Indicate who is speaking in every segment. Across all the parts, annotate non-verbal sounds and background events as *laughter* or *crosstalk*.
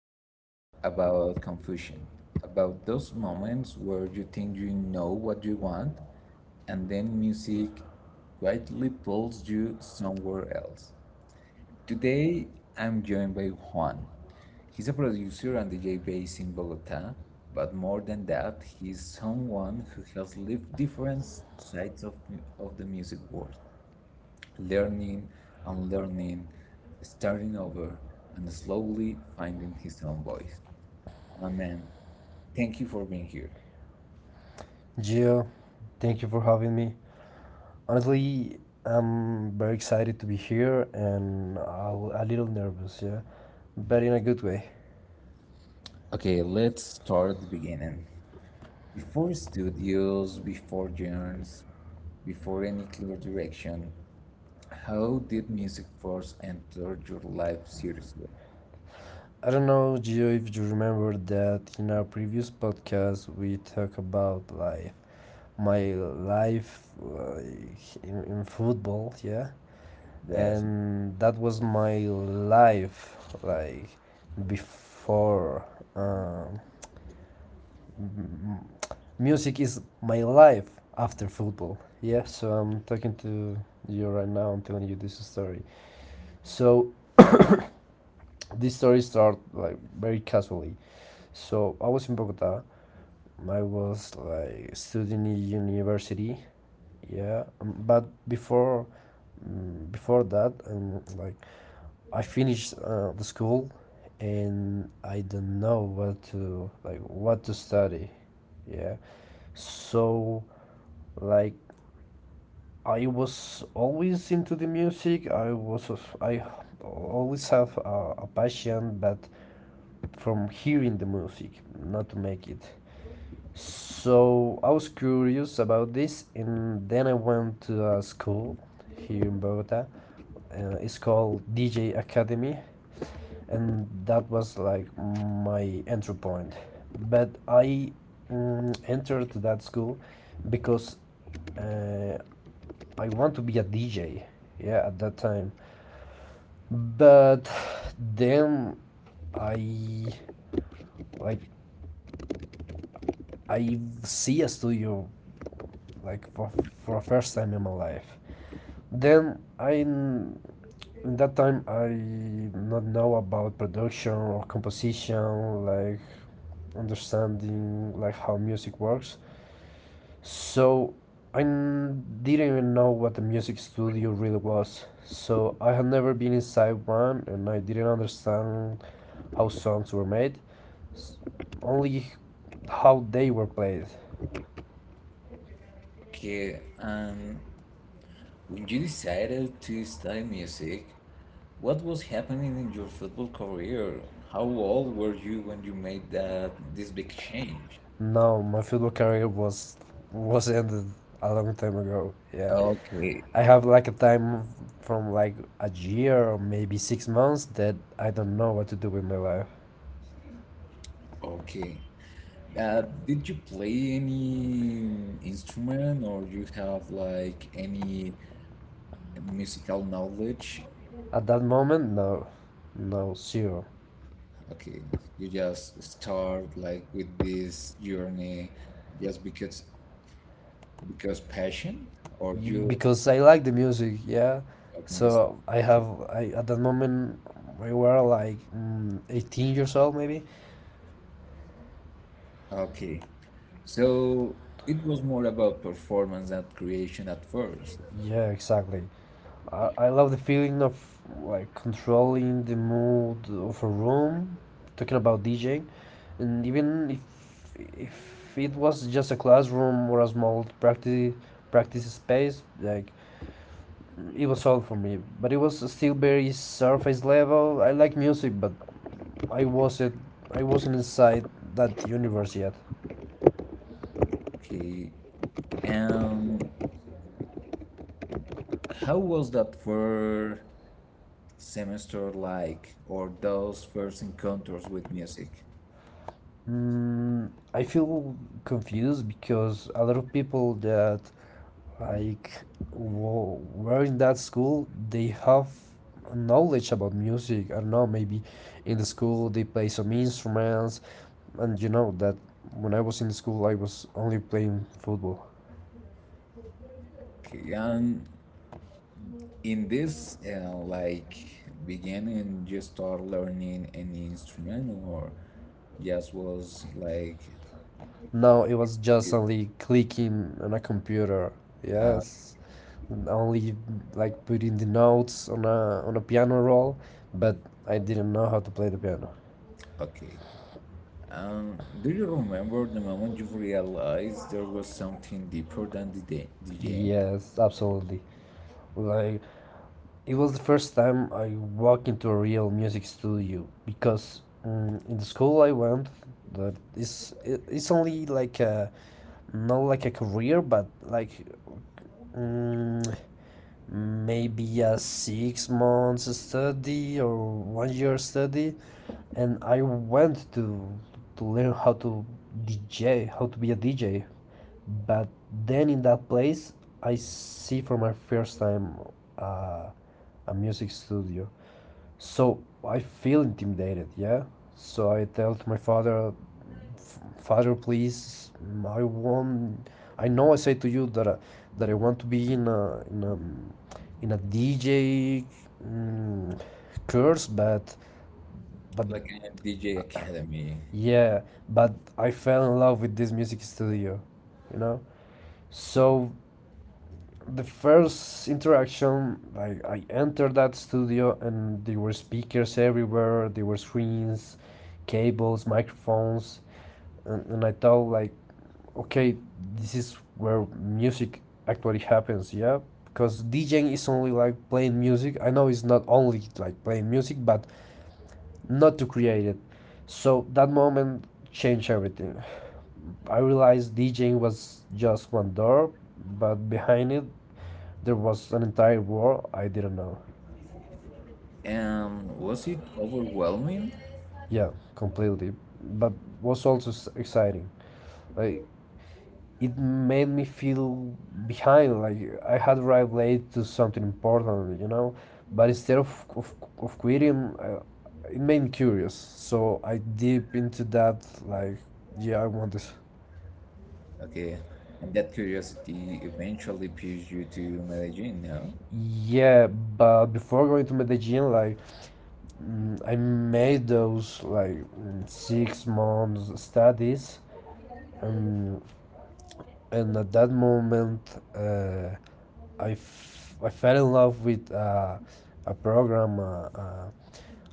Speaker 1: beginnings, about confusion, about those moments where you think you know what you want, and then music quietly pulls you somewhere else. Today I'm joined by Juan. He's a producer and DJ based in Bogota, but more than that, he's someone who has lived different sides of, mu- of the music world, learning, unlearning, starting over, and slowly finding his own voice. Juan, man, thank you for being here.
Speaker 2: Gio, thank you for having me. Honestly, I'm very excited to be here and a little nervous, yeah, but in a good way.
Speaker 1: Okay, let's start at the beginning. Before studios, before genres, before any clear direction, how did music first enter your life seriously?
Speaker 2: I don't know, Gio, if you remember that in our previous podcast we talked about life, my life like, in football, yeah,
Speaker 1: Yeah.
Speaker 2: and that was my life like before um, music is my life after football. Yeah, so I'm talking to you right now. I'm telling you this story. So this story started like very casually. So I was in Bogota. I was like studying in university. Yeah, but before before that, like I finished the school, and I don't know what to like what to study. Yeah, so like I was always into the music. I always have a passion, but from hearing the music, not to make it. So I was curious about this, and then I went to a school here in Bogota. It's called DJ Academy, and that was like my entry point. But I entered that school because uh, I want to be a DJ. Yeah, at that time. But then I like I see a studio like for a first time in my life. Then I in that time I not know about production or composition like understanding like how music works. So I didn't even know what a music studio really was. So I had never been inside one and I didn't understand how songs were made, s- only how they were played.
Speaker 1: Okay. When you decided to study music, what was happening in your football career? How old were you when you made that this big change?
Speaker 2: No, my football career was ended a long time ago. Yeah.
Speaker 1: Okay.
Speaker 2: I have like a time from like a year or maybe 6 months that I don't know what to do with my life.
Speaker 1: Okay. Did you play any instrument, or you have like any musical knowledge?
Speaker 2: At that moment, no. No, zero.
Speaker 1: Okay, you just start like with this journey just because passion, or you
Speaker 2: Because
Speaker 1: just
Speaker 2: I like the music, yeah.
Speaker 1: love music.
Speaker 2: So I
Speaker 1: Okay.
Speaker 2: have I at that moment we were like 18 years old maybe.
Speaker 1: Okay. So it was more about performance and creation at first.
Speaker 2: Yeah, exactly. I love the feeling of like controlling the mood of a room. Talking about DJing, and even if it was just a classroom or a small practice space, like it was all for me. But it was still very surface level. I like music, but I wasn't I wasn't inside that universe yet.
Speaker 1: Okay. Um, how was that first semester like, or those first encounters with music?
Speaker 2: I feel confused because a lot of people that like were in that school they have knowledge about music. I don't know, maybe in the school they play some instruments, and you know that when I was in school I was only playing football.
Speaker 1: Okay, and in this like beginning, you start learning any instrument, or just was like
Speaker 2: Now it was just
Speaker 1: it-
Speaker 2: only clicking on a computer. Yes, and only like putting the notes on a piano roll, but I didn't know how to play the piano.
Speaker 1: okay. Um, do you remember the moment you realized there was something deeper than the day DJ,
Speaker 2: Yes, absolutely. Like it was the first time I walked into a real music studio because in the school I went that is it, it's only like a not like a career but like mm maybe a 6 months study or one year study and I went to learn how to DJ, how to be a DJ. But then in that place, I see for my first time uh, a music studio. So I feel intimidated, yeah. So I tell to my father, Father, please, I want. I know I say to you that I want to be in a DJ mm, course, but
Speaker 1: like a DJ academy?
Speaker 2: yeah, but I fell in love with this music studio, you know."
Speaker 1: Okay.
Speaker 2: So the first interaction, like I entered that studio and there were speakers everywhere, there were screens, cables, microphones, and I thought like, okay, this is where music actually happens, yeah. Because DJing is only like playing music. I know it's not only like playing music, but not to create it. So that moment changed everything. I realized DJing was just one door, but behind it there was an entire war I didn't know.
Speaker 1: Um, was it overwhelming?
Speaker 2: Yeah, completely. But was also exciting. Like it made me feel behind. Like I had arrived late to something important, you know. But instead of quitting, it made me curious. So I deep into that. Like yeah, I want this.
Speaker 1: Okay, and that curiosity eventually pushed you to Medellin, no?
Speaker 2: Yeah, but before going to Medellin, like I made those like 6 months studies. Um, and at that moment I fell in love with a program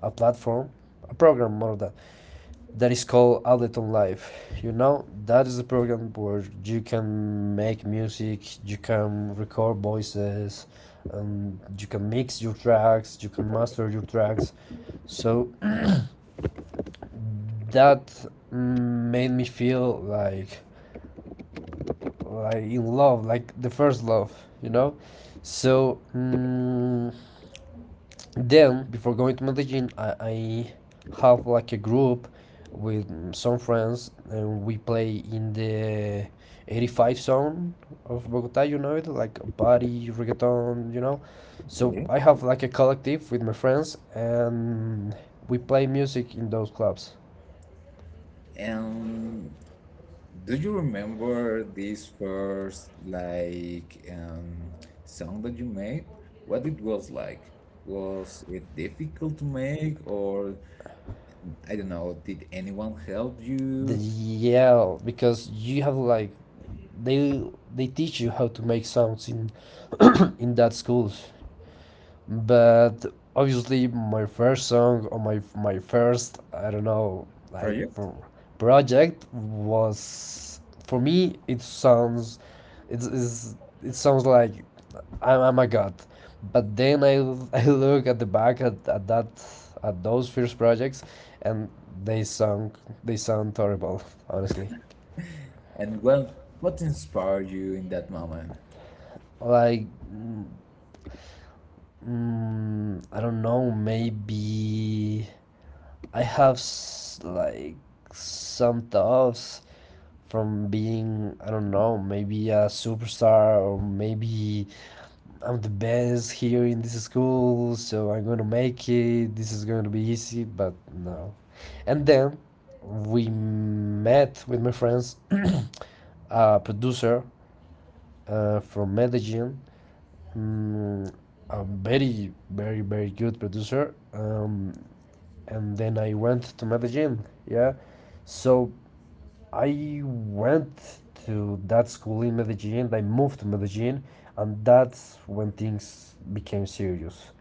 Speaker 2: a platform, a program more that that is called Ableton Live. You know that is a program where you can make music, you can record voices, and you can mix your tracks, you can master your tracks. So that made me feel like in love, like the first love, you know. So then, before going to Medellin, I have like a group with some friends, and we play in the 85 zone of Bogota. You know it, like body reggaeton, you know. So
Speaker 1: Okay.
Speaker 2: I have like a collective with my friends, and we play music in those clubs.
Speaker 1: Um, do you remember this first like song that you made? What it was like? Was it difficult to make, or I don't know? Did anyone help
Speaker 2: The
Speaker 1: you?
Speaker 2: Yeah, because you have like They they teach you how to make sounds in *clears throat* *coughs* in that schools, but obviously my first song or my first I don't know like
Speaker 1: Project?
Speaker 2: project was for me it sounds it's, it sounds like I'm a god. But then I *laughs* I look at the back at that, at those first projects and they sound horrible *laughs* honestly.
Speaker 1: And well, what inspired you in that moment?
Speaker 2: Like I don't know. Maybe like some thoughts from being, I don't know, maybe a superstar or maybe I'm the best here in this school, so I'm gonna make it. This is going to be easy, but no. And then we met with my friends, *clears throat* a producer from Medellin, mm, a very, very, very good producer. And then I went to Medellin. Yeah. So I went to that school in Medellin. I moved to Medellin, and that's when things became serious.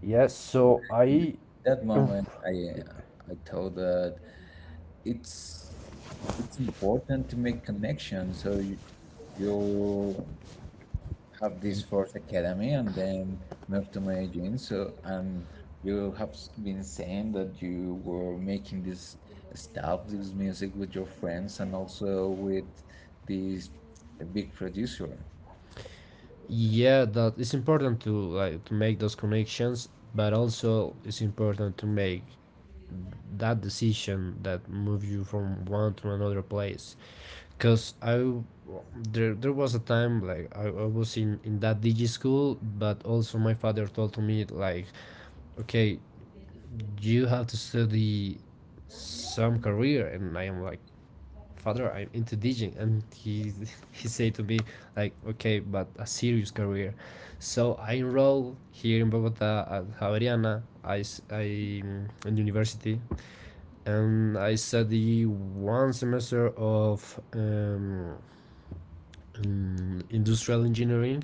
Speaker 2: Yeah. So
Speaker 1: And
Speaker 2: I.
Speaker 1: that moment, I thought that it's it's important to make connections, so you have this first academy and then moved to managing. So, and you have been saying that you were making this stuff, this music with your friends and also with this big producer.
Speaker 2: Yeah, that it's important to like to make those connections, but also it's important to make that decision that moves you from one to another place. Cause I w- there was a time like I was in that digi school, but also my father told to me like, okay, you have to study some career, and I am like, father, I'm into DJing, and he *laughs* he said to me like, okay, but a serious career. So I enrolled here in Bogota at Javeriana, I s- I mm, in university, and I study one semester of industrial engineering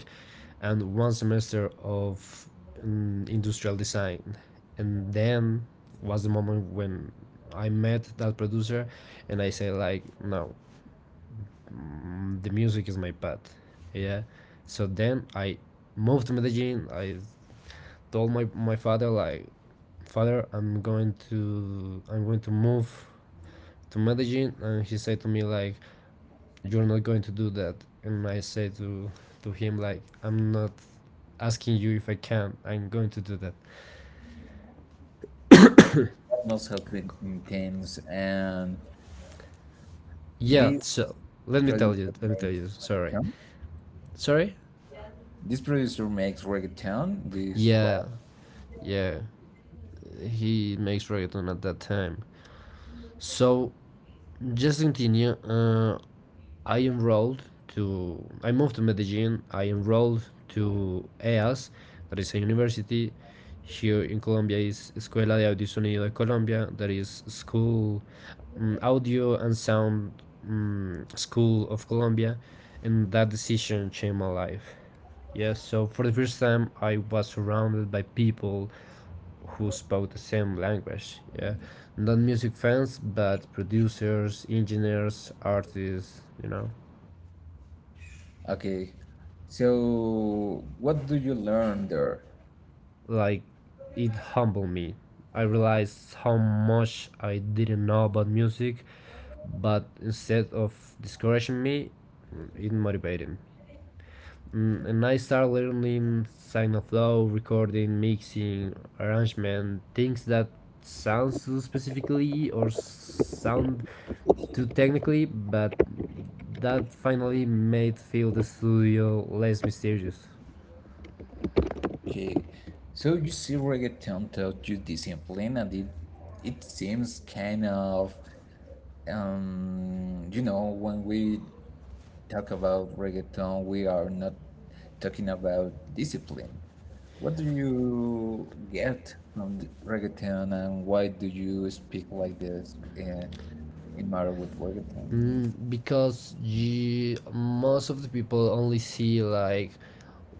Speaker 2: and one semester of industrial design. And then was the moment when I met that producer and I say like, no, the music is my path. Yeah. So then I moved to Medellin. I told my father like, father, I'm going to move to Medellin. And he said to me like, you're not going to do that and I say to him like I'm not asking you if I can, I'm going to do that.
Speaker 1: Patmos has been intense, and
Speaker 2: Yeah,
Speaker 1: this
Speaker 2: so let me tell you,
Speaker 1: producer makes
Speaker 2: sorry.
Speaker 1: reggaeton.
Speaker 2: sorry
Speaker 1: This producer makes reggaeton, this
Speaker 2: yeah,
Speaker 1: rap.
Speaker 2: yeah he makes reggaeton at that time, so just continue. I enrolled I moved to Medellin. I enrolled to EAS, that is a university here in Colombia, is Escuela de Audio y Sonido de Colombia, that is school, Audio and Sound School of Colombia, and that decision changed my life. Yes, so for the first time, I was surrounded by people who spoke the same language. Yeah, not music fans, but producers, engineers, artists. You know,
Speaker 1: Okay, so what do you learn there?
Speaker 2: like it humbled me. I realized how much I didn't know about music, but instead of discouraging me, it motivated me. And I started learning signal flow, recording, mixing, arrangement, things that sounds too specifically or sound too technically, but that finally made feel the studio less mysterious.
Speaker 1: Okay, so you see reggaeton taught you discipline, and it seems kind of um, you know, when we talk about reggaeton, we are not talking about discipline. What do you get from the reggaeton, and why do you speak like this in matter with reggaeton?
Speaker 2: Because you, most of the people only see like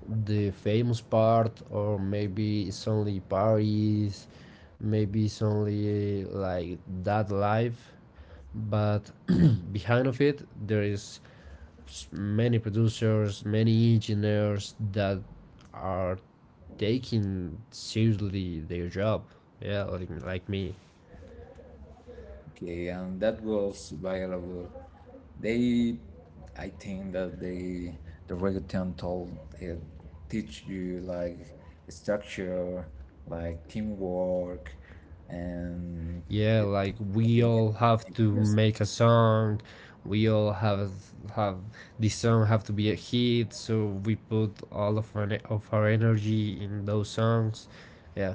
Speaker 2: the famous part, or maybe it's only Paris, maybe it's only like that life, but *clears throat* behind of it there is many producers, many engineers that are taking seriously their job, yeah, like me.
Speaker 1: Okay, and that was viral. They, I think that they, the reggaeton told, uh, teach you like structure, like teamwork, and
Speaker 2: Yeah,
Speaker 1: the-
Speaker 2: like we
Speaker 1: you need
Speaker 2: all
Speaker 1: to
Speaker 2: have
Speaker 1: make
Speaker 2: to
Speaker 1: music.
Speaker 2: make a song, we all have this song have to be a hit, so we put all of our energy in those songs, yeah.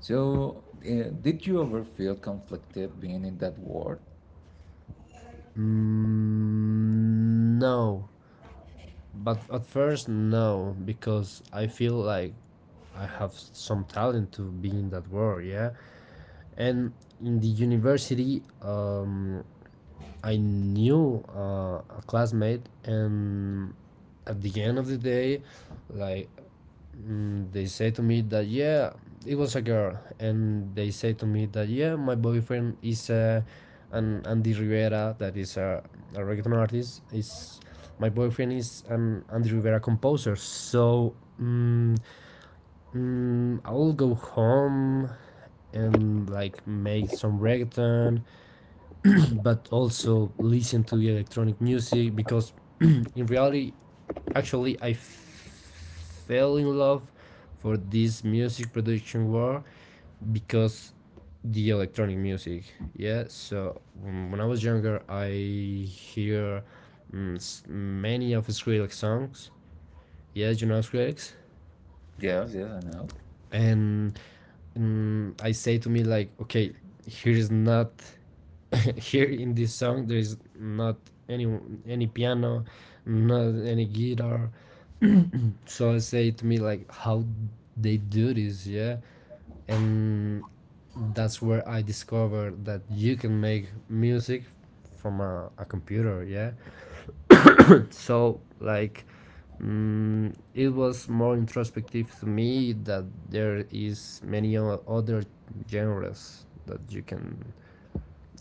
Speaker 1: So, did you ever feel conflicted being in that world?
Speaker 2: mm, no But at first, no, because I feel like I have some talent to be in that world, yeah. And in the university, I knew a classmate, and at the end of the day, like they say to me that yeah, it was a girl, and they say to me that yeah, my boyfriend is an Andy Rivera, that is a reggaeton artist. Is my boyfriend is an Andy Rivera composer. I will go home and like make some reggaeton, but also listen to electronic music because *clears throat* in reality actually I fell in love for this music production world because the electronic music, yeah. So when I was younger I hear mm, many of Skrillex songs. Yeah, you know Skrillex.
Speaker 1: Yes, yes, I know.
Speaker 2: And I say to me like, okay, here is not *laughs* here in this song there is not any any piano, not any guitar. So I say to me like, how they do this, yeah, and that's where I discovered that you can make music from a computer, yeah. So like, it was more introspective to me that there is many other genres that you can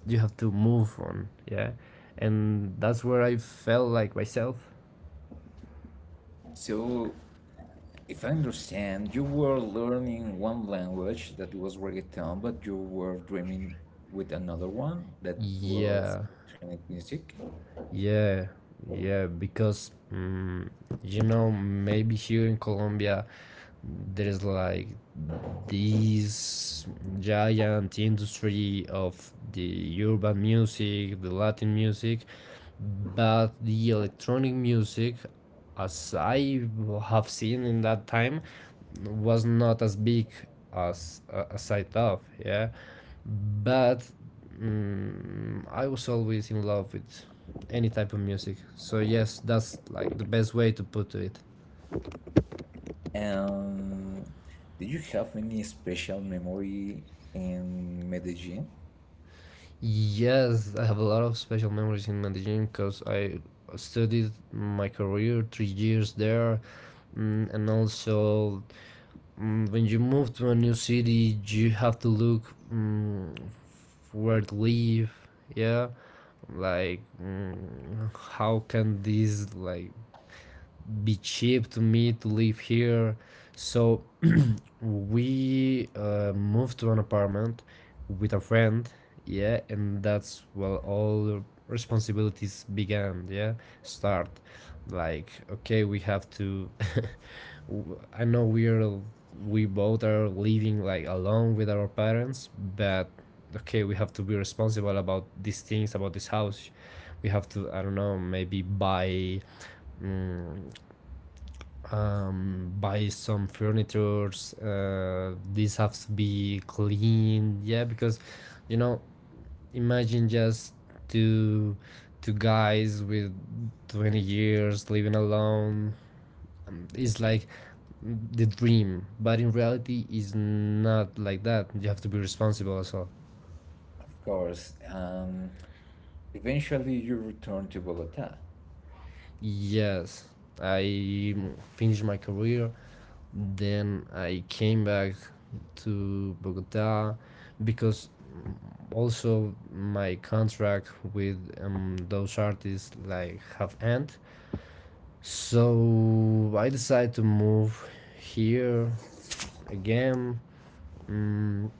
Speaker 2: you have to move on, yeah, and that's where I felt like myself.
Speaker 1: So, if I understand, you were learning one language that was reggaeton, but you were dreaming with another one that was
Speaker 2: Yeah,
Speaker 1: electronic music.
Speaker 2: yeah, yeah, because you know, maybe here in Colombia there is like this giant industry of the urban music, the Latin music, but the electronic music, as I have seen in that time, was not as big as I thought. Yeah, but I was always in love with any type of music. So yes, that's like the best way to put it.
Speaker 1: And did you have any special memory in Medellin?
Speaker 2: Yes, I have a lot of special memories in Medellin because I studied my career 3 years there. And also, when you move to a new city, you have to look, where to live. Yeah, like, how can this like be cheap to me to live here. So we moved to an apartment with a friend, yeah, and that's where all responsibilities began, yeah, start. Like, okay, we have to. *laughs* I know we're we both are living like alone with our parents, but okay, we have to be responsible about these things, about this house. We have to, I don't know, maybe buy mm, buy some furnitures. These have to be clean. Yeah, because you know, imagine just two two guys with 20 years living alone. It's like the dream, but in reality it's not like that. You have to be responsible as well.
Speaker 1: Of course. Eventually, you returned to Bogota.
Speaker 2: Yes, I finished my career, then I came back to Bogota because also my contract with those artists like have end. So I decided to move here again. mm,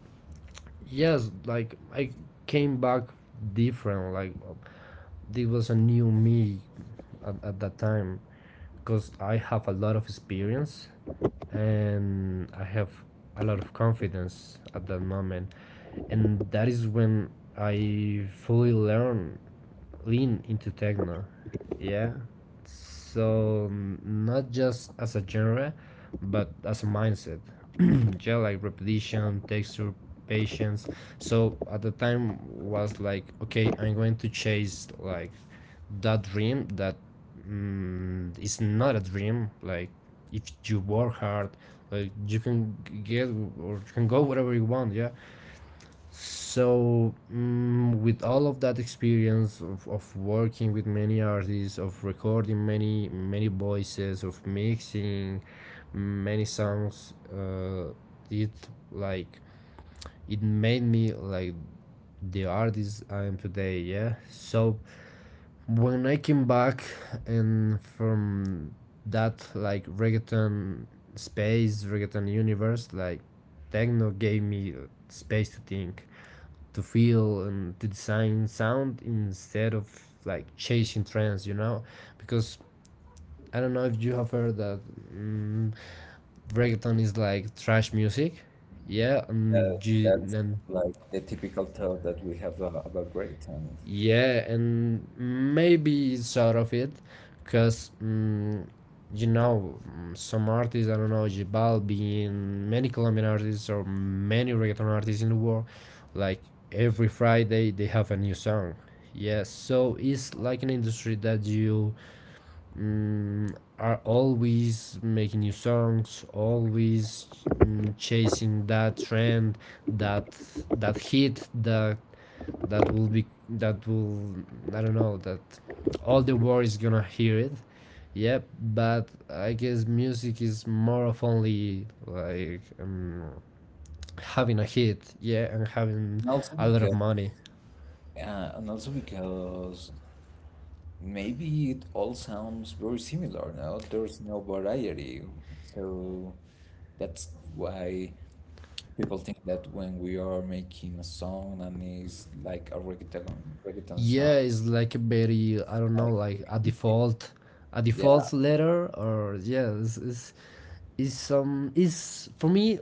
Speaker 2: yes, like I came back different, like this was a new me at that time because I have a lot of experience and I have a lot of confidence at that moment. And that is when I fully learn lean into techno, yeah. So not just as a genre, but as a mindset. *clears throat* Yeah, like repetition, texture, patience. So at the time was like, okay, I'm going to chase like that dream that is not a dream, like if you work hard, like you can get or you can go whatever you want, yeah. So with all of that experience of working with many artists, of recording many many voices, of mixing many songs, it like it made me like the artist I am today, yeah. So when I came back and from that like reggaeton space, reggaeton universe, like techno gave me space to think, to feel, and to design sound instead of like chasing trends, you know? Because I don't know if you have heard that mm reggaeton is like trash music. Yeah,
Speaker 1: That,
Speaker 2: and you
Speaker 1: that's
Speaker 2: and
Speaker 1: like the typical thought that we have about reggaeton.
Speaker 2: yeah, and maybe it's out of it, because you know, some artists. I don't know, Jibalbi and many Colombian artists or many reggaeton artists in the world. Like every Friday, they have a new song. Yes, so it's like an industry that you are always making new songs, always chasing that trend, that that hit that that will be that will, I don't know, that all the world is gonna hear it. Yep, but I guess music is more of only like having a hit, yeah, and having
Speaker 1: And also
Speaker 2: a lot of
Speaker 1: because,
Speaker 2: money.
Speaker 1: and also because maybe it all sounds very similar, no? There's no variety. So that's why people think that when we are making a song and it's like a reggaeton, reggaeton
Speaker 2: Yeah,
Speaker 1: sound,
Speaker 2: it's like a very, I don't know,
Speaker 1: like
Speaker 2: like
Speaker 1: very
Speaker 2: a
Speaker 1: easy.
Speaker 2: default, a
Speaker 1: Yeah.
Speaker 2: default letter or yeah, it's some, is for me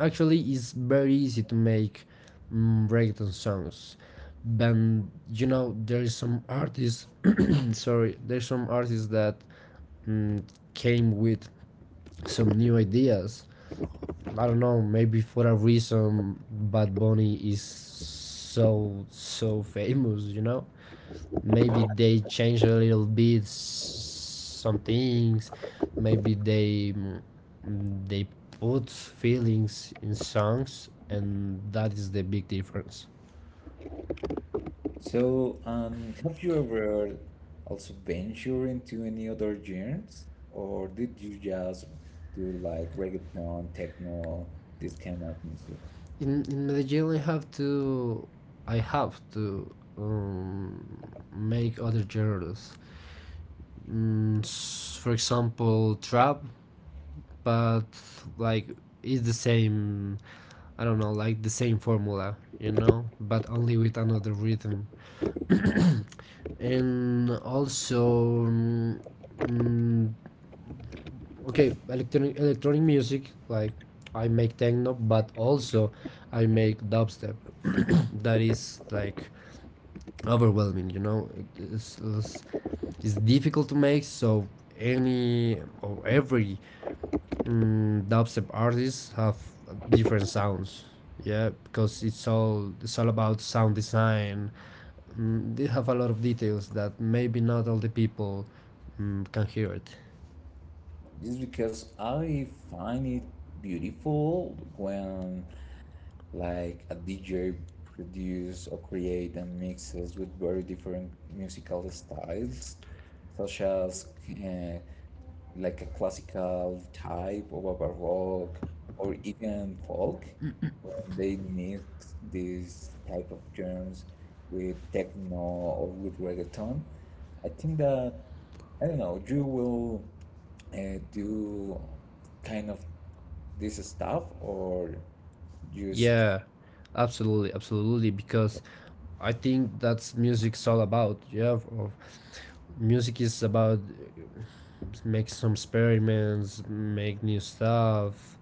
Speaker 2: actually it's very easy to make reggaeton songs. But you know there's some artists *clears throat* sorry there's some artists that mm, came with some new ideas. I don't know, maybe for a reason Bad Bunny is so so famous, you know. Maybe they change a little bit some things, maybe they they put feelings in songs, and that is the big difference.
Speaker 1: So, have you ever also ventured into any other genres? Or did you just do like reggaeton, techno, this kind of music?
Speaker 2: In Medellin I have to I have to make other genres, mm, for example trap. But like it's the same, I don't know, like the same formula, you know, but only with another rhythm. And also mm, okay, electronic music, like I make techno but also I make dubstep. *coughs* *clears throat* That is like overwhelming, you know. it's, it's, it's difficult to make. So any or every dubstep artist have different sounds, yeah, because it's all about sound design. Did have a lot of details that maybe not all the people can hear it.
Speaker 1: Just because I find it beautiful when like a DJ produce or create and mixes with very different musical styles, such as like a classical type of a baroque or even folk. When they mix these type of genres with techno or with reggaeton, I think that I don't know you will do kind of this stuff or just
Speaker 2: Yeah, absolutely, absolutely, because I think that's music's all about. Yeah, of, music is about make some experiments, make new stuff.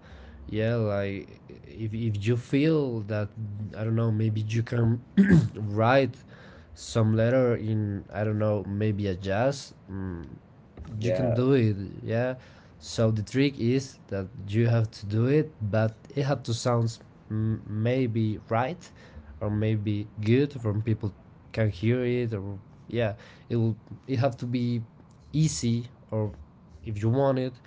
Speaker 2: Yeah, like if you feel that, I don't know, maybe you can *clears throat* write some letter in, I don't know, maybe a jazz. You
Speaker 1: yeah,
Speaker 2: can do it, yeah. So the trick is that you have to do it, but it had to sound maybe right or maybe good from people can hear it, or yeah, it will, it have to be easy, or if you want it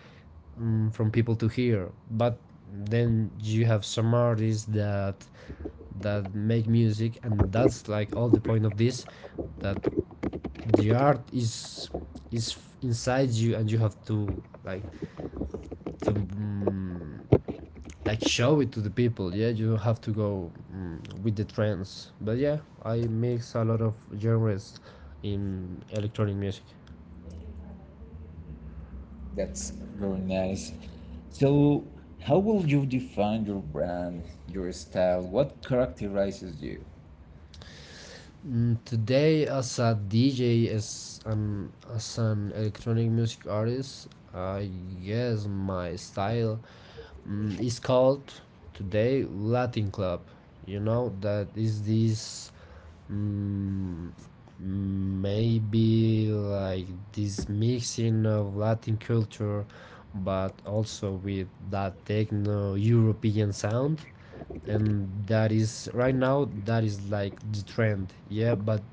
Speaker 2: from people to hear. But then you have some artists that that make music, and that's like all the point of this, that the art is inside you and you have to like to like show it to the people, yeah. You don't have to go with the trends, but yeah, I mix a lot of genres in electronic music.
Speaker 1: that's very nice. So how will you define your brand, your style? What characterizes you?
Speaker 2: Today as a DJ, as an electronic music artist, I guess my style is called today Latin club, you know, that is this. Mm, Maybe like this mixing of Latin culture, but also with that techno European sound. And that is right now, that is like the trend. Yeah, but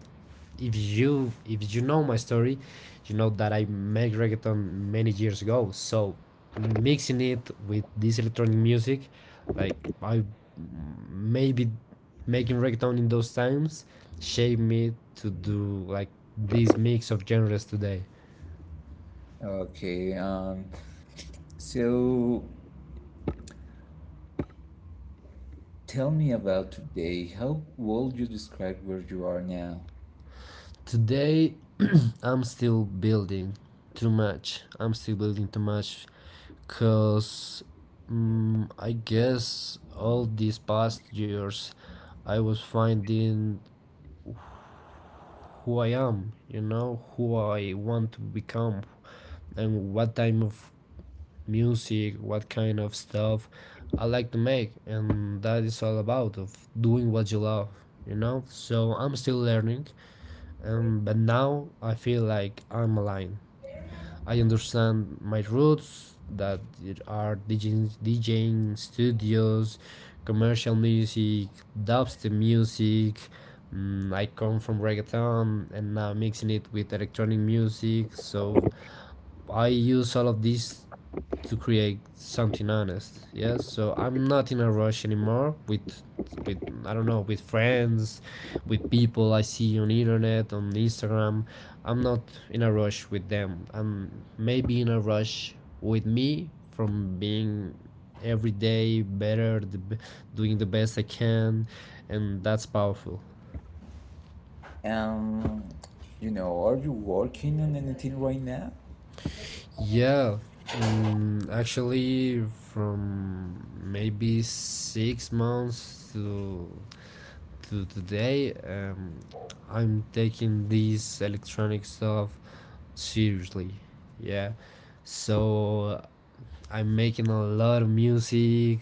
Speaker 2: if you know my story, you know that I make reggaeton many years ago. So mixing it with this electronic music, like I maybe making reggaeton in those times shaped me to do like this mix of genres today.
Speaker 1: Okay. Um, so tell me about today. How would you describe where you are now?
Speaker 2: Today, *clears throat* I'm still building too much. I'm still building too much because I guess all these past years I was finding who I am, you know, who I want to become and what type of music, what kind of stuff I like to make, and that is all about of doing what you love, you know? So I'm still learning, but now I feel like I'm aligned. I understand my roots that there are DJing, DJing studios, commercial music, dubstep music. I come from reggaeton and now mixing it with electronic music. So I use all of these to create something honest, yeah. So I'm not in a rush anymore with I don't know, with friends, with people I see on internet, on Instagram. I'm not in a rush with them. I'm maybe in a rush with me from being every day better, doing the best I can, and that's powerful,
Speaker 1: Um, you know, are you working on anything right now?
Speaker 2: yeah. Actually, from maybe 6 months to today, I'm taking these electronic stuff seriously. Yeah. So I'm making a lot of music.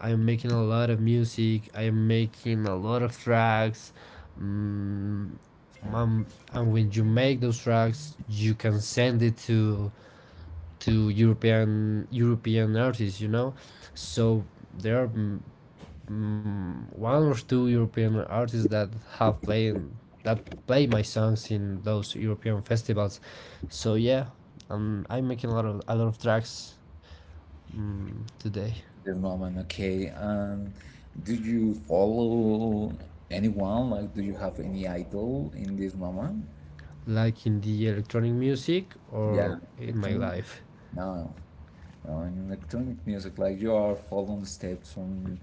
Speaker 2: I'm making a lot of music. I'm making a lot of tracks. Mm, um, and when you make those tracks, you can send it to European artists. You know, so there are one or two European artists that have played that play my songs in those European festivals. So yeah, I'm making a lot of tracks today,
Speaker 1: This moment, okay. Do you follow anyone? Like, do you have any idol in this moment?
Speaker 2: like in the electronic music or
Speaker 1: Yeah,
Speaker 2: in my
Speaker 1: electronic.
Speaker 2: life.
Speaker 1: No, no, in electronic music, like you are following steps from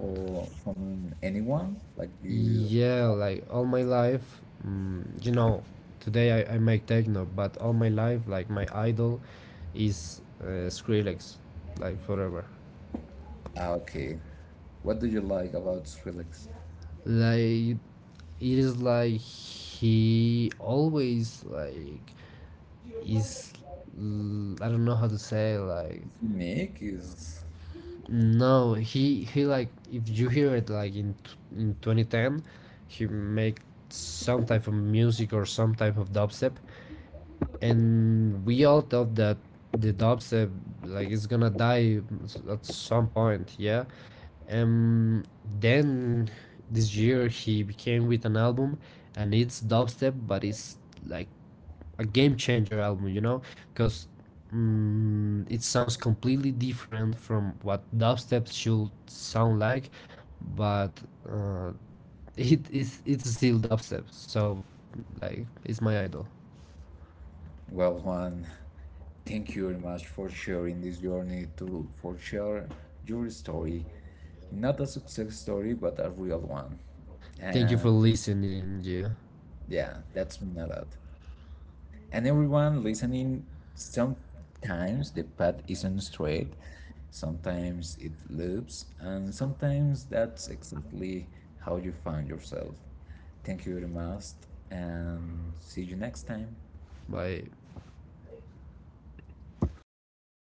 Speaker 1: or from anyone. Like you,
Speaker 2: Yeah, like all my life, you know. Today I make techno, but all my life, like my idol, is Skrillex, like forever.
Speaker 1: ah, okay. What do you like about Skrillex?
Speaker 2: Like it is like he always like is, I I don't know how to say like,
Speaker 1: Unique. Is
Speaker 2: no he like if you hear it like in 2010, he make some type of music or some type of dubstep, and we all thought that the dubstep like is gonna die at some point, yeah. Then this year he came with an album, and it's dubstep, but it's like a game changer album, you know, because it sounds completely different from what dubstep should sound like, but uh, *laughs* it is it's still dubstep. So, like, it's my idol.
Speaker 1: well, one. Thank you very much for sharing this journey to for share your story. Not a success story, but a real one.
Speaker 2: Thank you
Speaker 1: And
Speaker 2: for listening, Gia.
Speaker 1: yeah, that's mean a lot. And everyone listening, sometimes the path isn't straight, sometimes it loops, and sometimes that's exactly how you find yourself. Thank you very much, and see you next time.
Speaker 2: Bye.